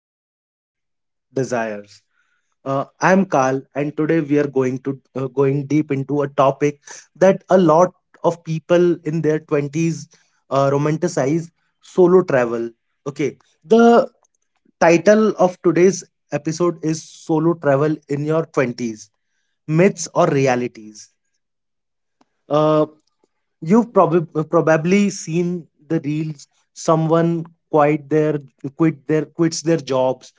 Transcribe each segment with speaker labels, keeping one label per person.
Speaker 1: Travel Desires. I'm Carl, and today we are going deep into a topic that a lot of people in their twenties romanticize: solo travel. Okay, the title of today's episode is "Solo Travel in Your Twenties: Myths or Realities." Uh, You've probably seen the reels. Someone quit their quits their jobs,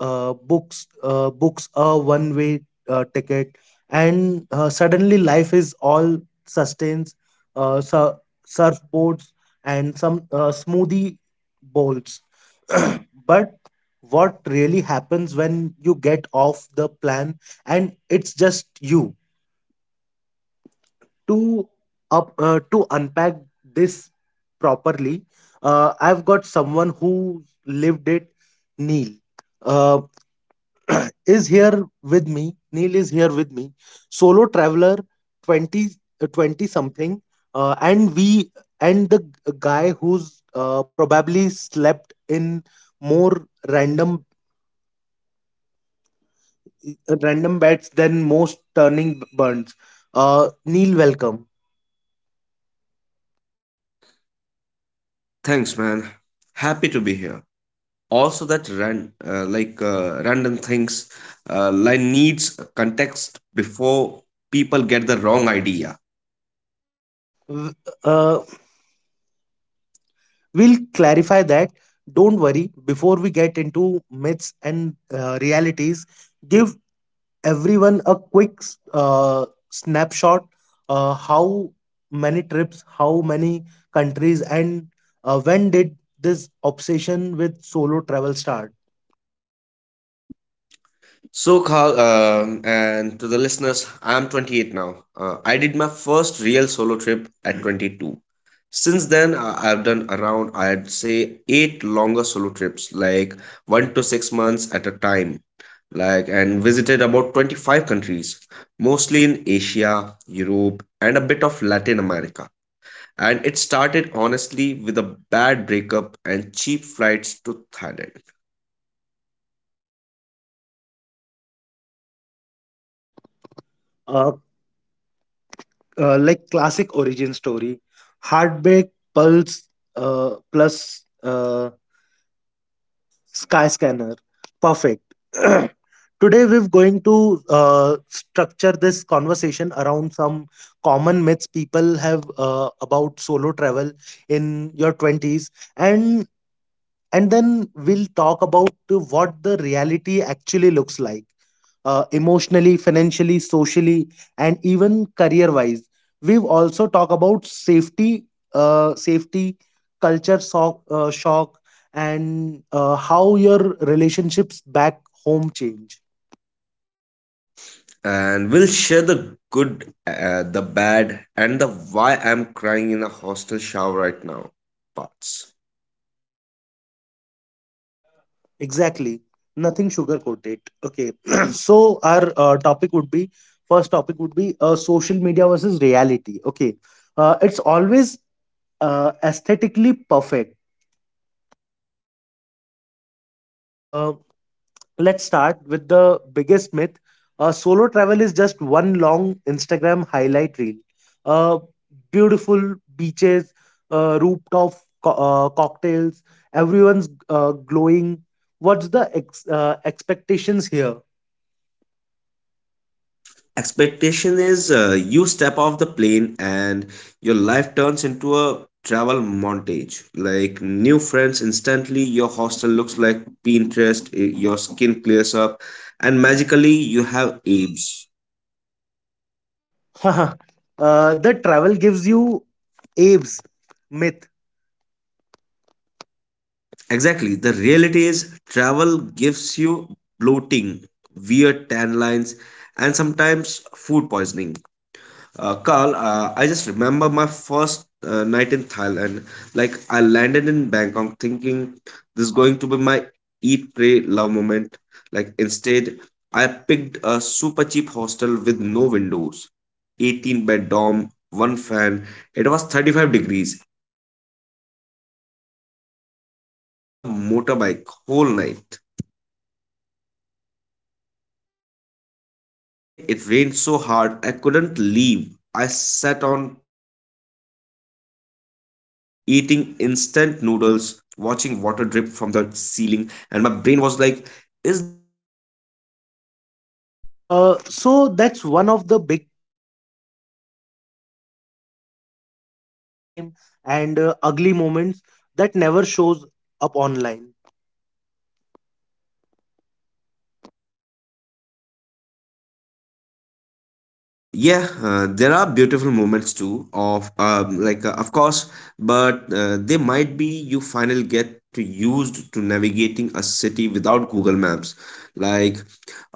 Speaker 1: books a one way ticket, and suddenly life is all sustains, uh, sur- surfboards and some smoothie bowls. But what really happens when you get off the plan and it's just you? to to unpack this properly, I've got someone who lived it neil uh, is here with me neil is here with me solo traveler, 20 uh, 20 something, uh, and we and the guy who's probably slept in more random beds than most turning burns. Neil, welcome.
Speaker 2: Thanks, man. Happy to be here. Also, that ran, like, random things, line needs context before people get the wrong idea.
Speaker 1: W- uh, We'll clarify that. Don't worry, before we get into myths and realities, give everyone a quick snapshot. How many trips, how many countries, and when did this obsession with solo travel start?
Speaker 2: So, Carl, and to the listeners, I am 28 now. I did my first real solo trip at 22. Since then, I've done around, I'd say, eight longer solo trips, like 1 to 6 months at a time. Like, and visited about 25 countries, mostly in Asia, Europe, and a bit of Latin America. And it started honestly with a bad breakup and cheap flights to Thailand.
Speaker 1: Uh, like classic origin story, heartbreak, pulse, plus Sky Scanner. Perfect. Today we're going to structure this conversation around some common myths people have about solo travel in your 20s and and then we'll talk about to what the reality actually looks like, emotionally, financially, socially, and even career wise. We've also talked about safety, uh, safety culture shock, and how your relationships back home change.
Speaker 2: And we'll share the good, the bad, and the why I'm crying in a hostel shower right now parts.
Speaker 1: Exactly. Nothing sugarcoat it. Okay. so our topic would be first topic would be social media versus reality. Okay. It's always aesthetically perfect. Uh, Let's start with the biggest myth. Solo travel is just one long Instagram highlight reel. Uh, Beautiful beaches, rooftop cocktails, everyone's glowing. What's the expectations here?
Speaker 2: Expectation is, you step off the plane and your life turns into a travel montage. Like, new friends instantly, your hostel looks like Pinterest, your skin clears up, and magically you have abs.
Speaker 1: uh, the travel gives you abs myth.
Speaker 2: Exactly. The reality is travel gives you bloating, weird tan lines, and sometimes food poisoning. Carl, I just remember my first night in Thailand. Like, I landed in Bangkok thinking this is going to be my eat, pray, love moment. Like, instead, I picked a super cheap hostel with no windows, 18 bed dorm, one fan. It was 35 degrees, and some guy was snoring like a motorbike whole night.
Speaker 1: Romantic.
Speaker 2: The next day it rained so hard I couldn't leave. I sat on plastic chair eating instant noodles, watching water drip from the ceiling, and my brain was like, is this the dream?
Speaker 1: So that's one of the big realities. Travel has a lot of downtime and ugly moments that never shows up online.
Speaker 2: Yeah, there are beautiful moments too of, like, of course, but they might be you finally get to used to navigating a city without Google Maps. Like,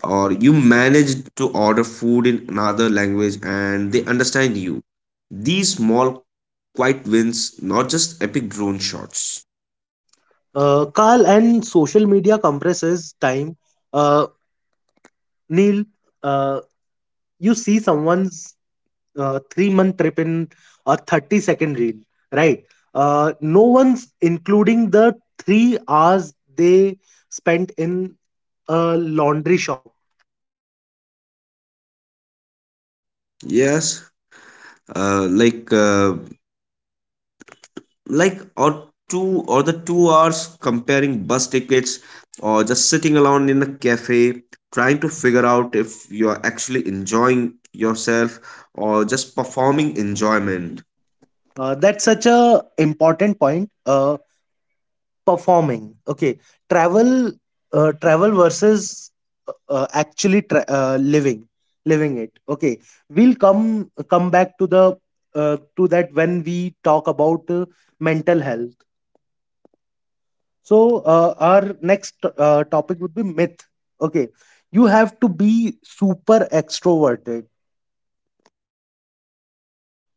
Speaker 2: or you managed to order food in another language and they understand you. These small, quiet wins, not just epic drone shots.
Speaker 1: Carl and social media compresses time. Uh, Neil, uh, you see someone's 3 month trip in a 30-second reel, right? No one's including the 3 hours they spent in a laundry shop.
Speaker 2: Yes, like, or two or the 2 hours comparing bus tickets, or just sitting alone in a cafe trying to figure out if you're actually enjoying yourself or just performing enjoyment.
Speaker 1: That's such a important point. Performing. Okay, travel, travel versus actually living it. Okay, we'll come back to the to that when we talk about mental health. Our next topic would be myth. Okay, you have to be super extroverted.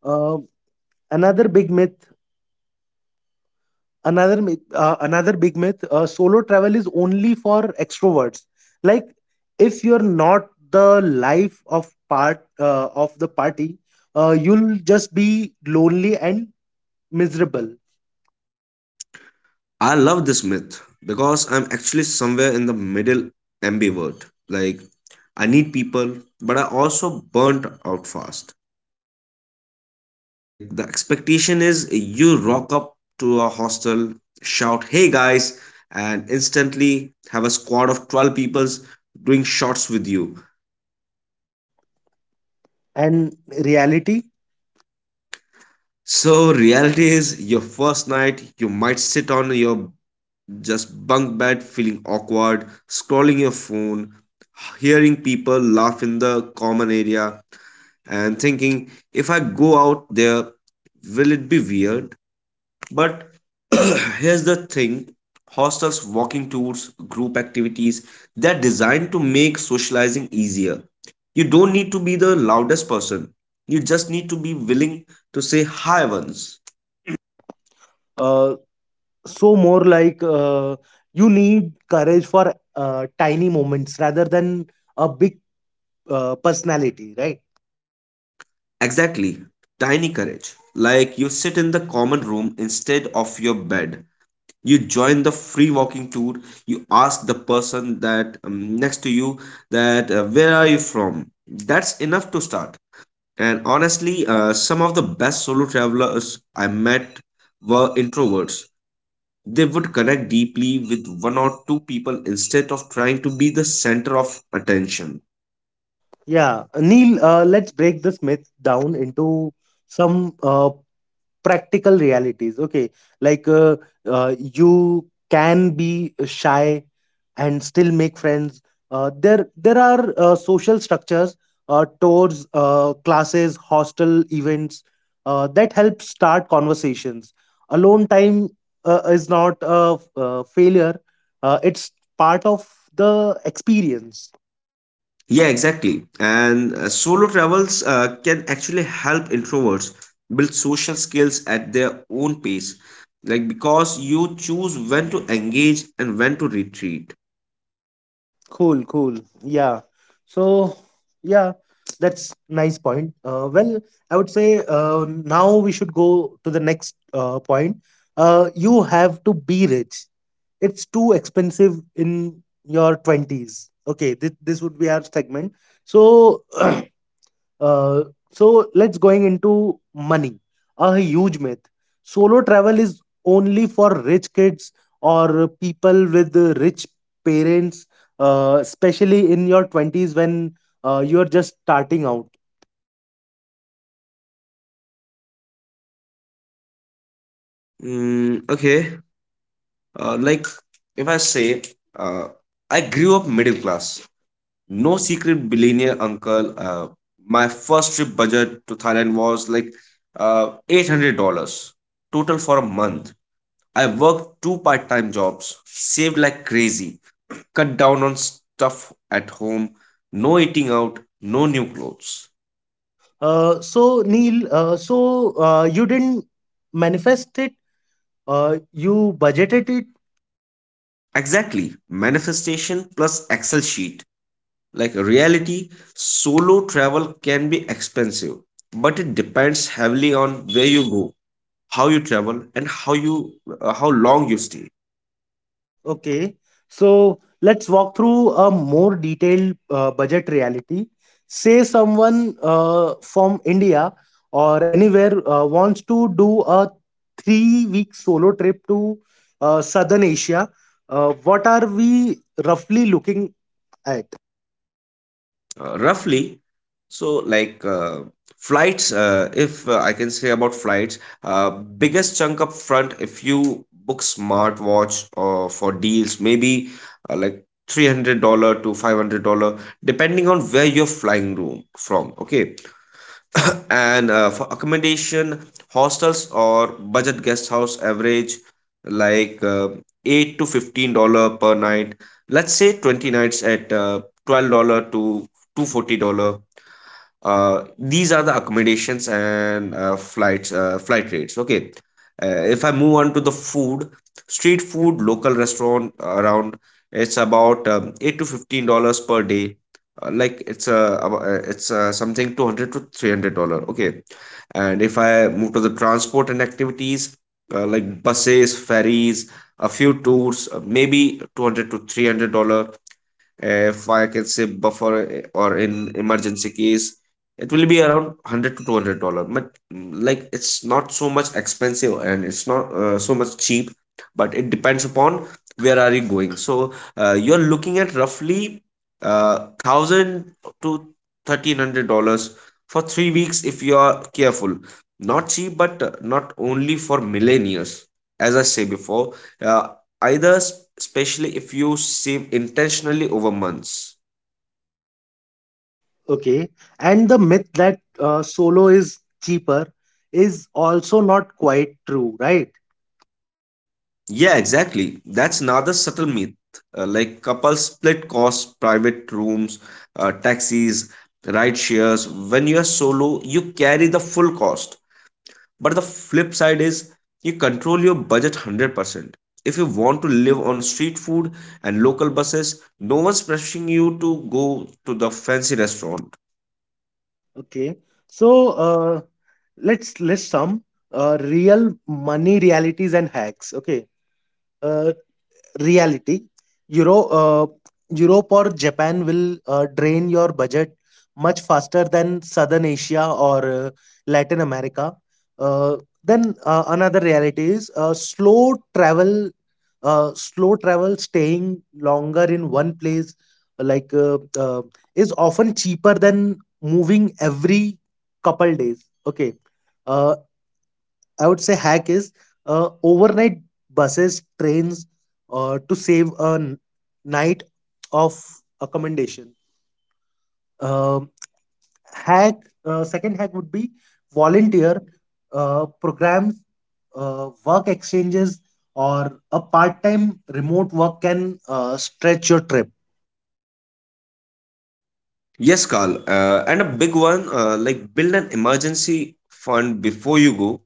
Speaker 1: Uh, another big myth, another big myth solo travel is only for extroverts. Like, if you're not the life of part of the party, you'll just be lonely and miserable.
Speaker 2: I love this myth because I'm actually somewhere in the middle, ambivert. Like, I need people, but I also burnt out fast. Like, the expectation is you rock up to a hostel, shout, hey guys, and instantly have a squad of 12 people doing shots with you.
Speaker 1: And reality,
Speaker 2: So, reality is your first night, you might sit on your just bunk bed feeling awkward, scrolling your phone, hearing people laugh in the common area, and thinking, if I go out there, will it be weird? But here's the thing. Hostels, walking tours, group activities, they're designed to make socializing easier. You don't need to be the loudest person, you just need to be willing to say hi once.
Speaker 1: uh, so more like you need courage for tiny moments rather than a big personality, right?
Speaker 2: Exactly. Tiny courage. Like, you sit in the common room instead of your bed. You join the free walking tour. You ask the person that next to you, that where are you from? That's enough to start. And honestly, some of the best solo travelers I met were introverts. They would connect deeply with one or two people instead of trying to be the center of attention.
Speaker 1: Yeah, Neil, let's break this myth down into some practical realities. Okay, like, you can be shy and still make friends. There are social structures, tours, classes, hostel events that help start conversations. Alone time is not a, a failure. It's part of the experience.
Speaker 2: Yeah, exactly. And solo travels can actually help introverts build social skills at their own pace, like, because you choose when to engage and when to retreat.
Speaker 1: Cool, cool. Yeah. So, yeah, that's nice point. Well, I would say now we should go to the next point. You have to be rich. It's too expensive in your 20s. Okay, this would be our segment. So, Uh, let's going into money, a huge myth. Solo travel is only for rich kids or people with rich parents, especially in your 20s when you are just starting out.
Speaker 2: Mm, okay, like, if I say, uh, I grew up middle class, no secret billionaire uncle. My first trip budget to Thailand was like, $800 total for a month. I worked two-part time jobs, saved like crazy, cut down on stuff at home, no eating out, no new clothes.
Speaker 1: So Neil, you didn't manifest it, you budgeted it.
Speaker 2: Exactly, manifestation plus Excel sheet. Like, reality, solo travel can be expensive, but it depends heavily on where you go, how you travel, and how long you stay.
Speaker 1: Okay, so let's walk through a more detailed budget reality. Say someone from India or anywhere wants to do a 3 week solo trip to Southern Asia. What are we roughly looking at?
Speaker 2: Roughly, so, like, flights, if, I can say about flights, uh, biggest chunk up front if you book smartwatch or for deals, maybe, like, $300 to $500, depending on where you're flying room from, okay. And for accommodation, hostels or budget guest house average, like, 8 to $15 per night. Let's say 20 nights at, $12 to 240 $40. Uh, these are the accommodations and flight rates, okay. If I move on to the food, street food, local restaurant around, it's about 8 to $15 per day. Like, it's something 200 to $300, okay. And if I move to the transport and activities, like, buses, ferries, a few tours, maybe 200 to $300. If I can say, buffer, or in emergency case, it will be around 100 to $200. But like, it's not so much expensive, and it's not, so much cheap, but it depends upon where are you going. So, you're looking at roughly, $1,000 to $1,300 for 3 weeks if you are careful. Not cheap, but, not only for millennials. As I say before, uh, especially if you save intentionally over months.
Speaker 1: Okay, and the myth that solo is cheaper is also not quite true, right?
Speaker 2: Yeah, exactly. That's another subtle myth. Like couples split costs, private rooms, taxis, ride shares. When you're solo you carry the full cost, but the flip side is you control your budget 100% if you want to live on street food and local buses. No one's pressuring you to go to the fancy restaurant.
Speaker 1: Okay. So uh, let's list some real money realities and hacks. Okay. Uh, reality euro uh, europe or Japan will drain your budget much faster than Southern Asia or Latin America. Uh, then Another reality is slow travel, staying longer in one place, like uh, uh, is often cheaper than moving every couple days. Okay, uh, I would say hack is overnight buses, trains, to save a night of accommodation. Um hack second hack would be volunteer programs, work exchanges, or a part-time remote work can stretch your trip.
Speaker 2: Yes, Carl. And a big one, like, build an emergency fund before you go.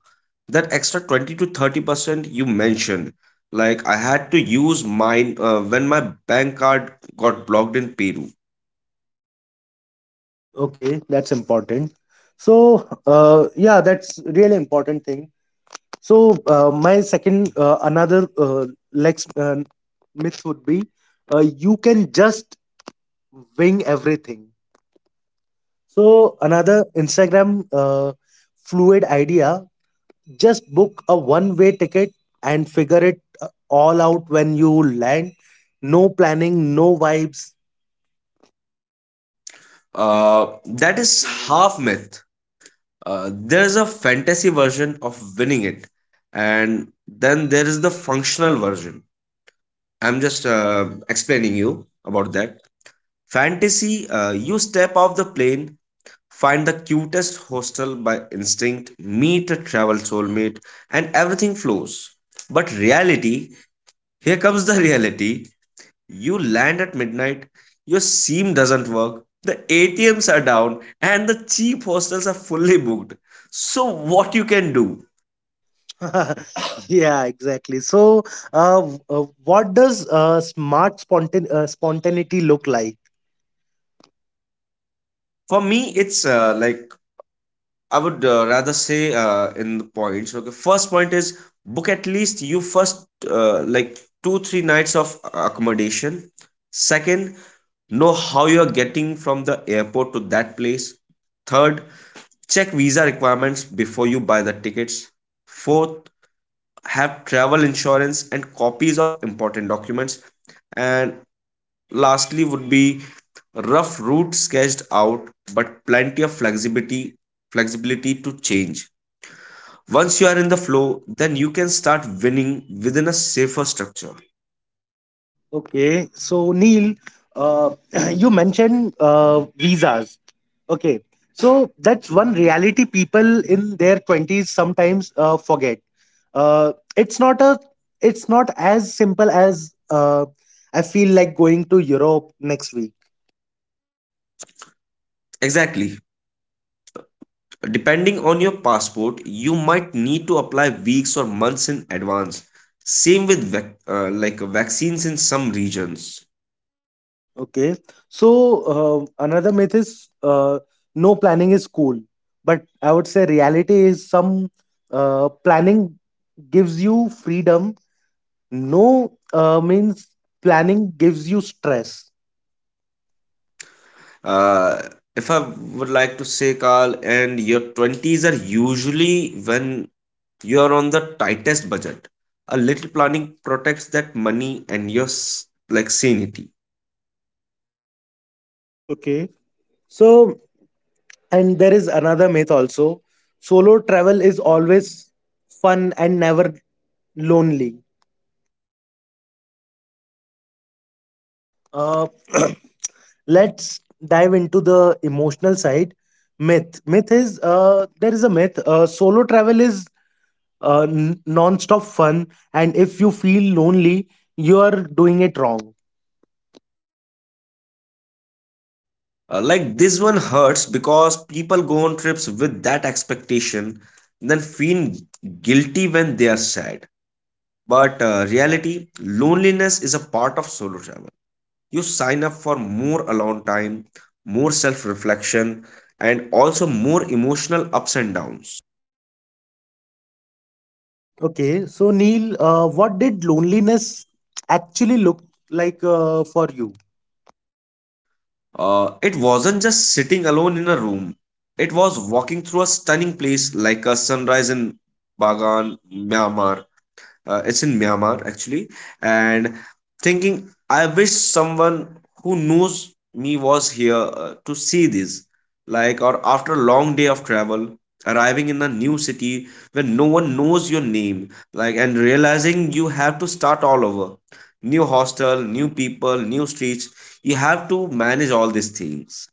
Speaker 2: That extra 20 to 30% you mentioned, like, I had to use mine when my bank card got blocked in Peru.
Speaker 1: Okay, that's important. So yeah, that's really important thing. So my second another Lex myth would be you can just wing everything. So another Instagram fluid idea: just book a one-way ticket and figure it all out when you land. No planning, no vibes.
Speaker 2: Uh, that is half myth. There is a fantasy version of winning it, and then there is the functional version. I'm just explaining you about that. Fantasy, you step off the plane. Find the cutest hostel by instinct, meet a travel soulmate, and everything flows. But reality, here comes the reality. You land at midnight, your SIM doesn't work, the ATMs are down, and the cheap hostels are fully booked. So, what you can do?
Speaker 1: Yeah, exactly. So, what does smart spontaneity look like?
Speaker 2: For me, it's, like, I would, rather say, in the points. Okay, first point is, book at least you first, like, 2-3 nights of accommodation. Second, know how you're getting from the airport to that place. Third, check visa requirements before you buy the tickets. Fourth, have travel insurance and copies of important documents. And lastly, would be rough route sketched out, but plenty of flexibility to change. Once you are in the flow, then you can start winning within a safer structure.
Speaker 1: Okay, so Neil, uh, you mentioned visas. Okay, so that's one reality people in their twenties sometimes forget. It's not a, it's not as simple as I feel like going to Europe next week.
Speaker 2: Exactly. Depending on your passport, you might need to apply weeks or months in advance. Same with like, vaccines in some regions.
Speaker 1: Okay, so another myth is no planning is cool, but I would say reality is some planning gives you freedom. No means planning gives you stress.
Speaker 2: Uh, if I would like to say, Carl, and your 20s are usually when you are on the tightest budget. A little planning protects that money and your like, sanity.
Speaker 1: Okay, so, and there is another myth also: solo travel is always fun and never lonely. uh, let's dive into the emotional side. Myth myth is there is a myth solo travel is non-stop fun, and if you feel lonely, you are doing it wrong.
Speaker 2: Like this one hurts because people go on trips with that expectation, then feel guilty when they are sad. But, reality, loneliness is a part of solo travel. You sign up for more alone time, more self reflection, and also more emotional ups and downs.
Speaker 1: Okay, so Neil, what did loneliness actually look like for you?
Speaker 2: It wasn't just sitting alone in a room, it was walking through a stunning place like a sunrise in Bagan, Myanmar. It's in Myanmar actually, and thinking, I wish someone who knows me was here, to see this. Like, or after a long day of travel, arriving in a new city when no one knows your name, like, and realizing you have to start all over. New hostel, new people, new streets. You have to manage all these things.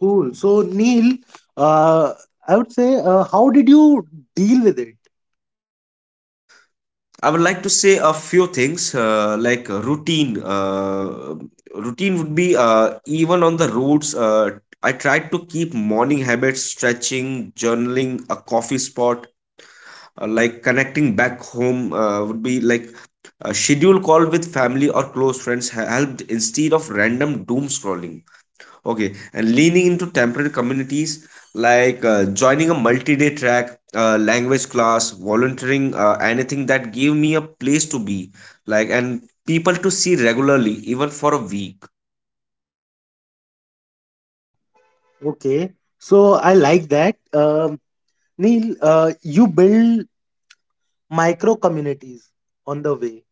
Speaker 1: Cool. So Neil, uh, I would say, how did you deal with it?
Speaker 2: I would like to say a few things, like, routine. Routine would be, even on the roads. I tried to keep morning habits, stretching, journaling, a coffee spot, like, connecting back home, would be like a schedule call with family or close friends helped instead of random doom scrolling. Okay, and leaning into temporary communities, like, joining a multi-day track, language class, volunteering, anything that gave me a place to be, like, and people to see regularly, even for a week.
Speaker 1: Okay, so I like that. Neil, you build micro communities on the way.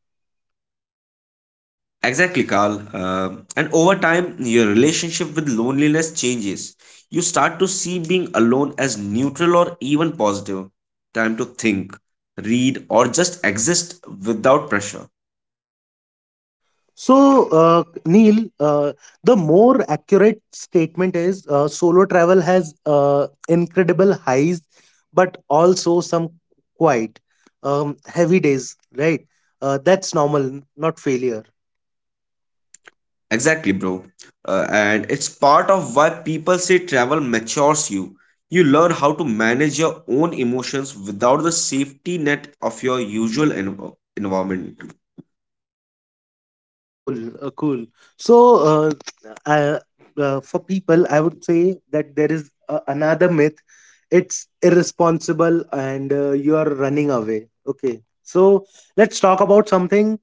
Speaker 2: Exactly, Carl. And over time, your relationship with loneliness changes. You start to see being alone as neutral or even positive. Time to think, read, or just exist without pressure.
Speaker 1: So, Neil, the more accurate statement is solo travel has incredible highs, but also some quite heavy days, right? That's normal, not failure.
Speaker 2: Exactly, bro. And it's part of why people say travel matures you. You learn how to manage your own emotions without the safety net of your usual environment.
Speaker 1: Cool, cool. So, I, for people, I would say that there is another myth. It's irresponsible and you are running away. Okay. So, let's talk about something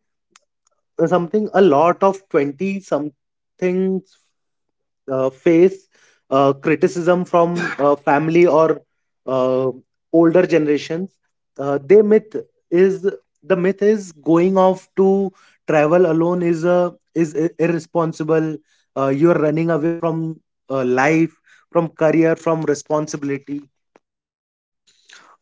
Speaker 1: something a lot of 20 something face criticism from family or uh, older generations. Uh, their myth is the myth is going off to travel alone is a is irresponsible, you're running away from life, from career, from responsibility.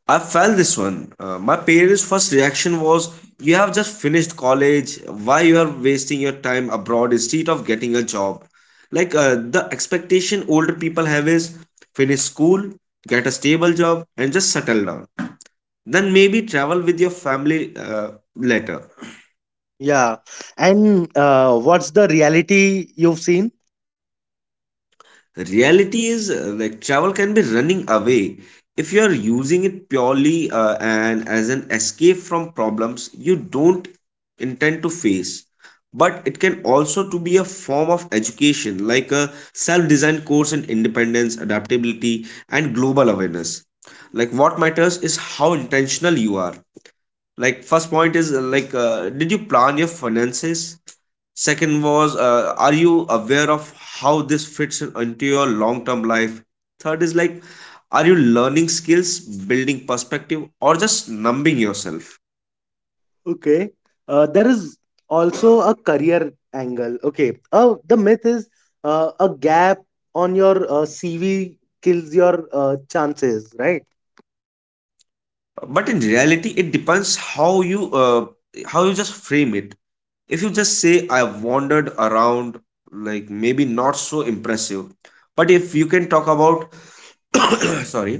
Speaker 2: I felt this one. My parents' first reaction was, "You have just finished college. Why you are wasting your time abroad instead of getting a job?" The expectation older people have is, finish school, get a stable job, and just settle down, then maybe travel with your family later.
Speaker 1: Yeah, and what's the reality you've seen?
Speaker 2: Reality is like travel can be running away if you are using it purely and as an escape from problems you don't intend to face. But it can also to be a form of education, like a self-designed course in independence, adaptability, and global awareness. Like, what matters is how intentional you are. Like, first point is did you plan your finances? Second was, are you aware of how this fits into your long term life? Third is like, are you learning skills, building perspective, or just numbing yourself?
Speaker 1: Okay. There is also a career angle. Okay. The myth is a gap on your CV kills your chances, right?
Speaker 2: But in reality, it depends how you just frame it. If you just say, "I wandered around," like, maybe not so impressive. But if you can talk about sorry,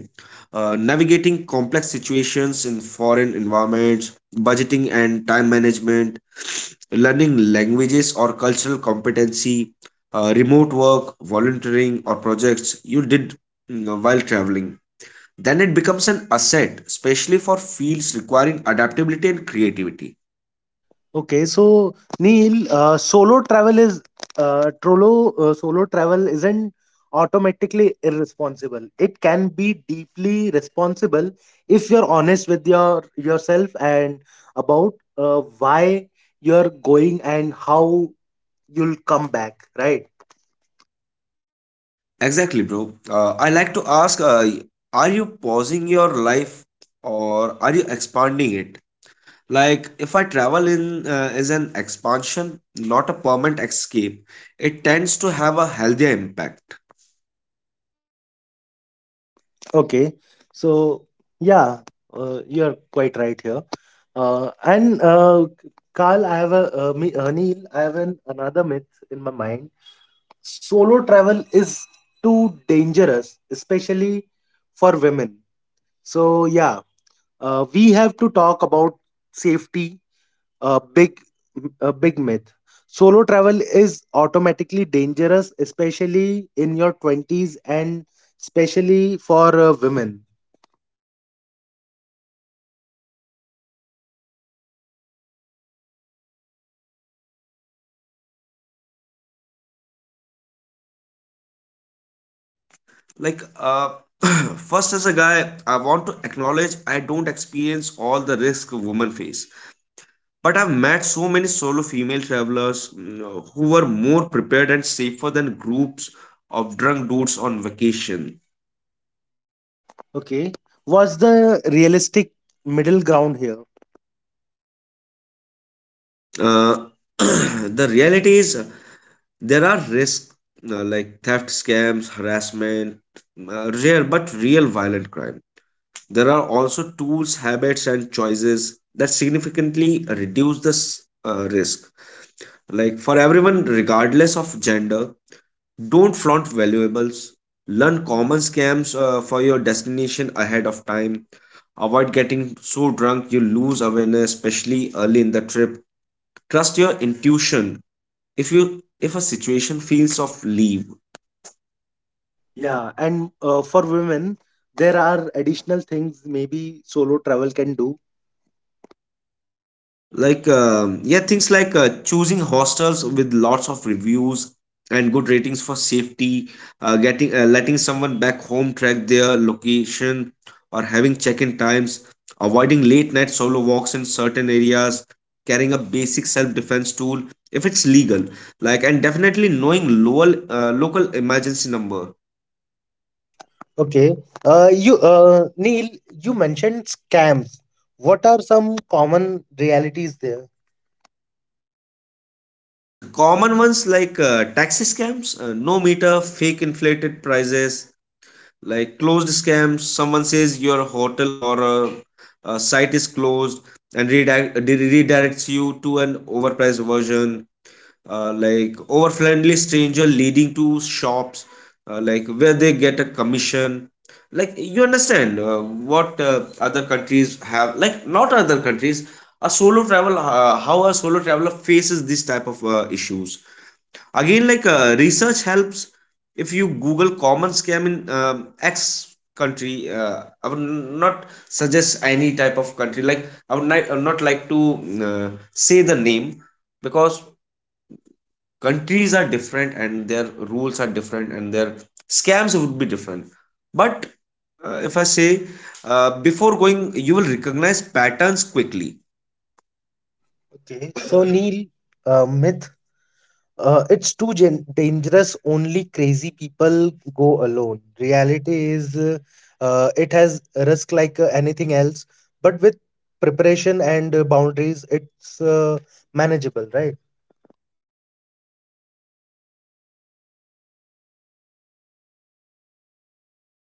Speaker 2: navigating complex situations in foreign environments, budgeting and time management, learning languages or cultural competency, remote work, volunteering, or projects you did while traveling, then it becomes an asset, especially for fields requiring adaptability and creativity.
Speaker 1: Okay. So, Neil, solo travel isn't automatically irresponsible. It can be deeply responsible if you're honest with yourself and about why you're going and how you'll come back, right?
Speaker 2: Exactly, bro. I like to ask, are you pausing your life or are you expanding it? Like, if I travel in is an expansion, not a permanent escape, it tends to have a healthier impact.
Speaker 1: Okay. So, yeah, you're quite right here. And Carl, I have a me, Neil, I have an, another myth in my mind. Solo travel is too dangerous, especially for women. So, yeah, we have to talk about safety, a big, a big myth. Solo travel is automatically dangerous, especially in your 20s, and especially for women.
Speaker 2: Like first, as a guy, I want to acknowledge I don't experience all the risk women face. But I've met so many solo female travelers who were more prepared and safer than groups of drunk dudes on vacation.
Speaker 1: Okay. What's the realistic middle ground here?
Speaker 2: Uh, the reality is, there are risks, like theft, scams, harassment, rare but real violent crime. There are also tools, habits, and choices that significantly reduce this risk. Like, for everyone, regardless of gender, don't flaunt valuables. Learn common scams for your destination ahead of time. Avoid getting so drunk you lose awareness, especially early in the trip. Trust your intuition. If a situation feels of, leave.
Speaker 1: Yeah, and for women, there are additional things maybe solo travel can do.
Speaker 2: Like yeah, things like choosing hostels with lots of reviews and good ratings for safety, getting letting someone back home track their location, or having check-in times, avoiding late night solo walks in certain areas, carrying a basic self-defense tool if it's legal, like, and definitely knowing local emergency number.
Speaker 1: Okay. Neil, you mentioned scams. What are some common realities there?
Speaker 2: The common ones, like taxi scams, no meter, fake inflated prices, like closed scams, someone says your hotel or a site is closed and redirects you to an overpriced version, like over friendly stranger leading to shops, like, where they get a commission. Like, you understand what other countries have, like, not other countries, a solo travel, how a solo traveler faces this type of issues. Again, like, research helps. If you google common scam in x country, I would not suggest any type of country, like I would not like to say the name, because countries are different and their rules are different and their scams would be different. But if I say, before going you will recognize patterns quickly.
Speaker 1: Okay. So, Neil, myth. It's too dangerous. Only crazy people go alone. Reality is, it has risk like anything else, but with preparation and boundaries, it's manageable, right?
Speaker 2: Um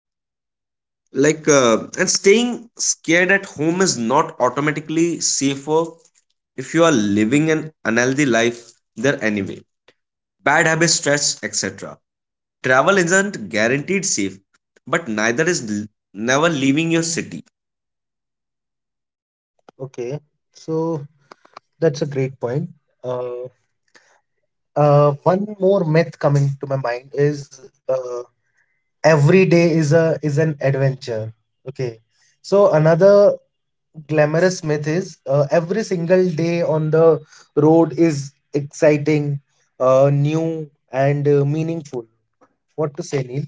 Speaker 2: like and staying scared at home is not automatically safer if you are living an unhealthy life there anyway, bad habits, stress, etc. Travel isn't guaranteed safe, but neither is never leaving your city.
Speaker 1: Okay, so that's a great point. Uh, One more myth coming to my mind is every day is a is an adventure. Okay, so another glamorous myth is every single day on the road is exciting, new, and meaningful. What to say, Neil?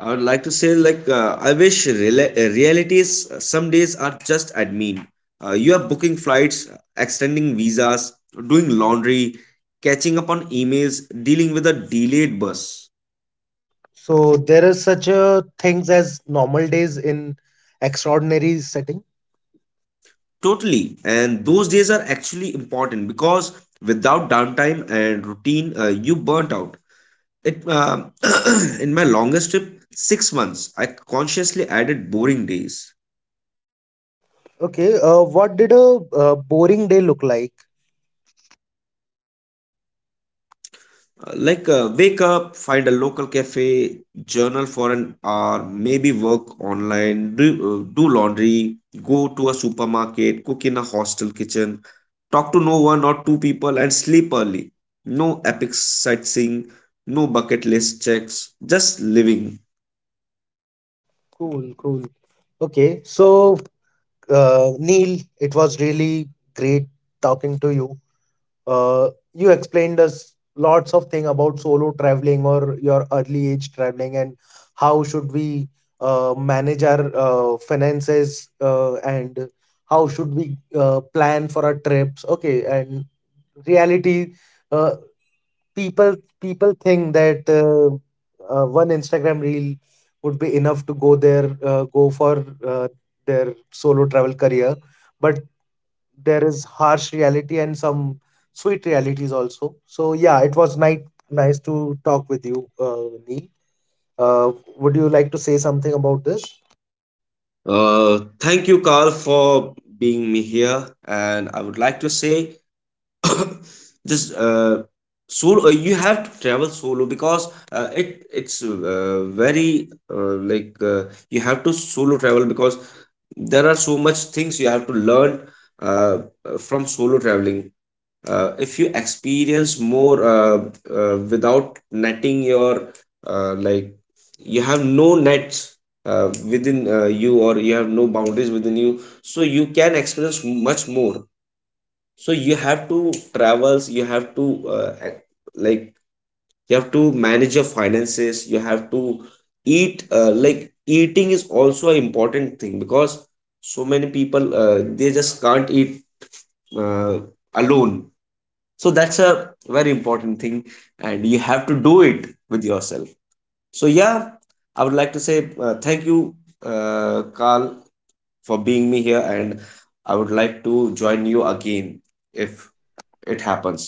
Speaker 2: I would like to say, like realities, some days are just admin. You are booking flights, extending visas, doing laundry, catching up on emails, dealing with a delayed bus.
Speaker 1: So there are such things as normal days in extraordinary setting.
Speaker 2: Totally. And those days are actually important because without downtime and routine, you burnt out. It in my longest trip, 6 months, I consciously added boring days.
Speaker 1: Okay, what did a boring day look like?
Speaker 2: Wake up, find a local cafe, journal for an hour, maybe work online, do laundry, go to a supermarket, cook in a hostel kitchen, talk to no one or two people, and sleep early. No epic sightseeing, no bucket list checks, just living.
Speaker 1: Cool, cool. Okay, so Neil, it was really great talking to you. You explained us lots of thing about solo traveling or your early age traveling, and how should we manage our finances, and how should we plan for our trips. Okay, and reality, uh, people think that one Instagram reel would be enough to go there, go for their solo travel career, but there is harsh reality and some sweet realities also. So yeah, it was nice to talk with you, Neil. Uh, would you like to say something about this?
Speaker 2: Thank you, Carl, for being me here. And I would like to say, just solo. You have to travel solo because it it's very like you have to solo travel because there are so much things you have to learn uh, from solo traveling. If you experience more without netting your, uh, like you have no nets within you, or you have no boundaries within you, so you can experience much more. So you have to travels, you have to like you have to manage your finances, you have to eat, eating is also an important thing because so many people, they just can't eat uh, alone, so that's a very important thing, and you have to do it with yourself. So yeah, I would like to say thank you, Carl, for being me here, and I would like to join you again if it
Speaker 1: It happens.
Speaker 2: happens.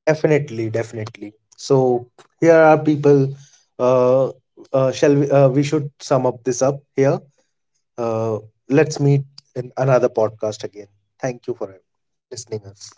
Speaker 1: Definitely, definitely. So here are people. Uh, we should sum up this up here. Uh, let's meet in another podcast again. Thank you for listening us.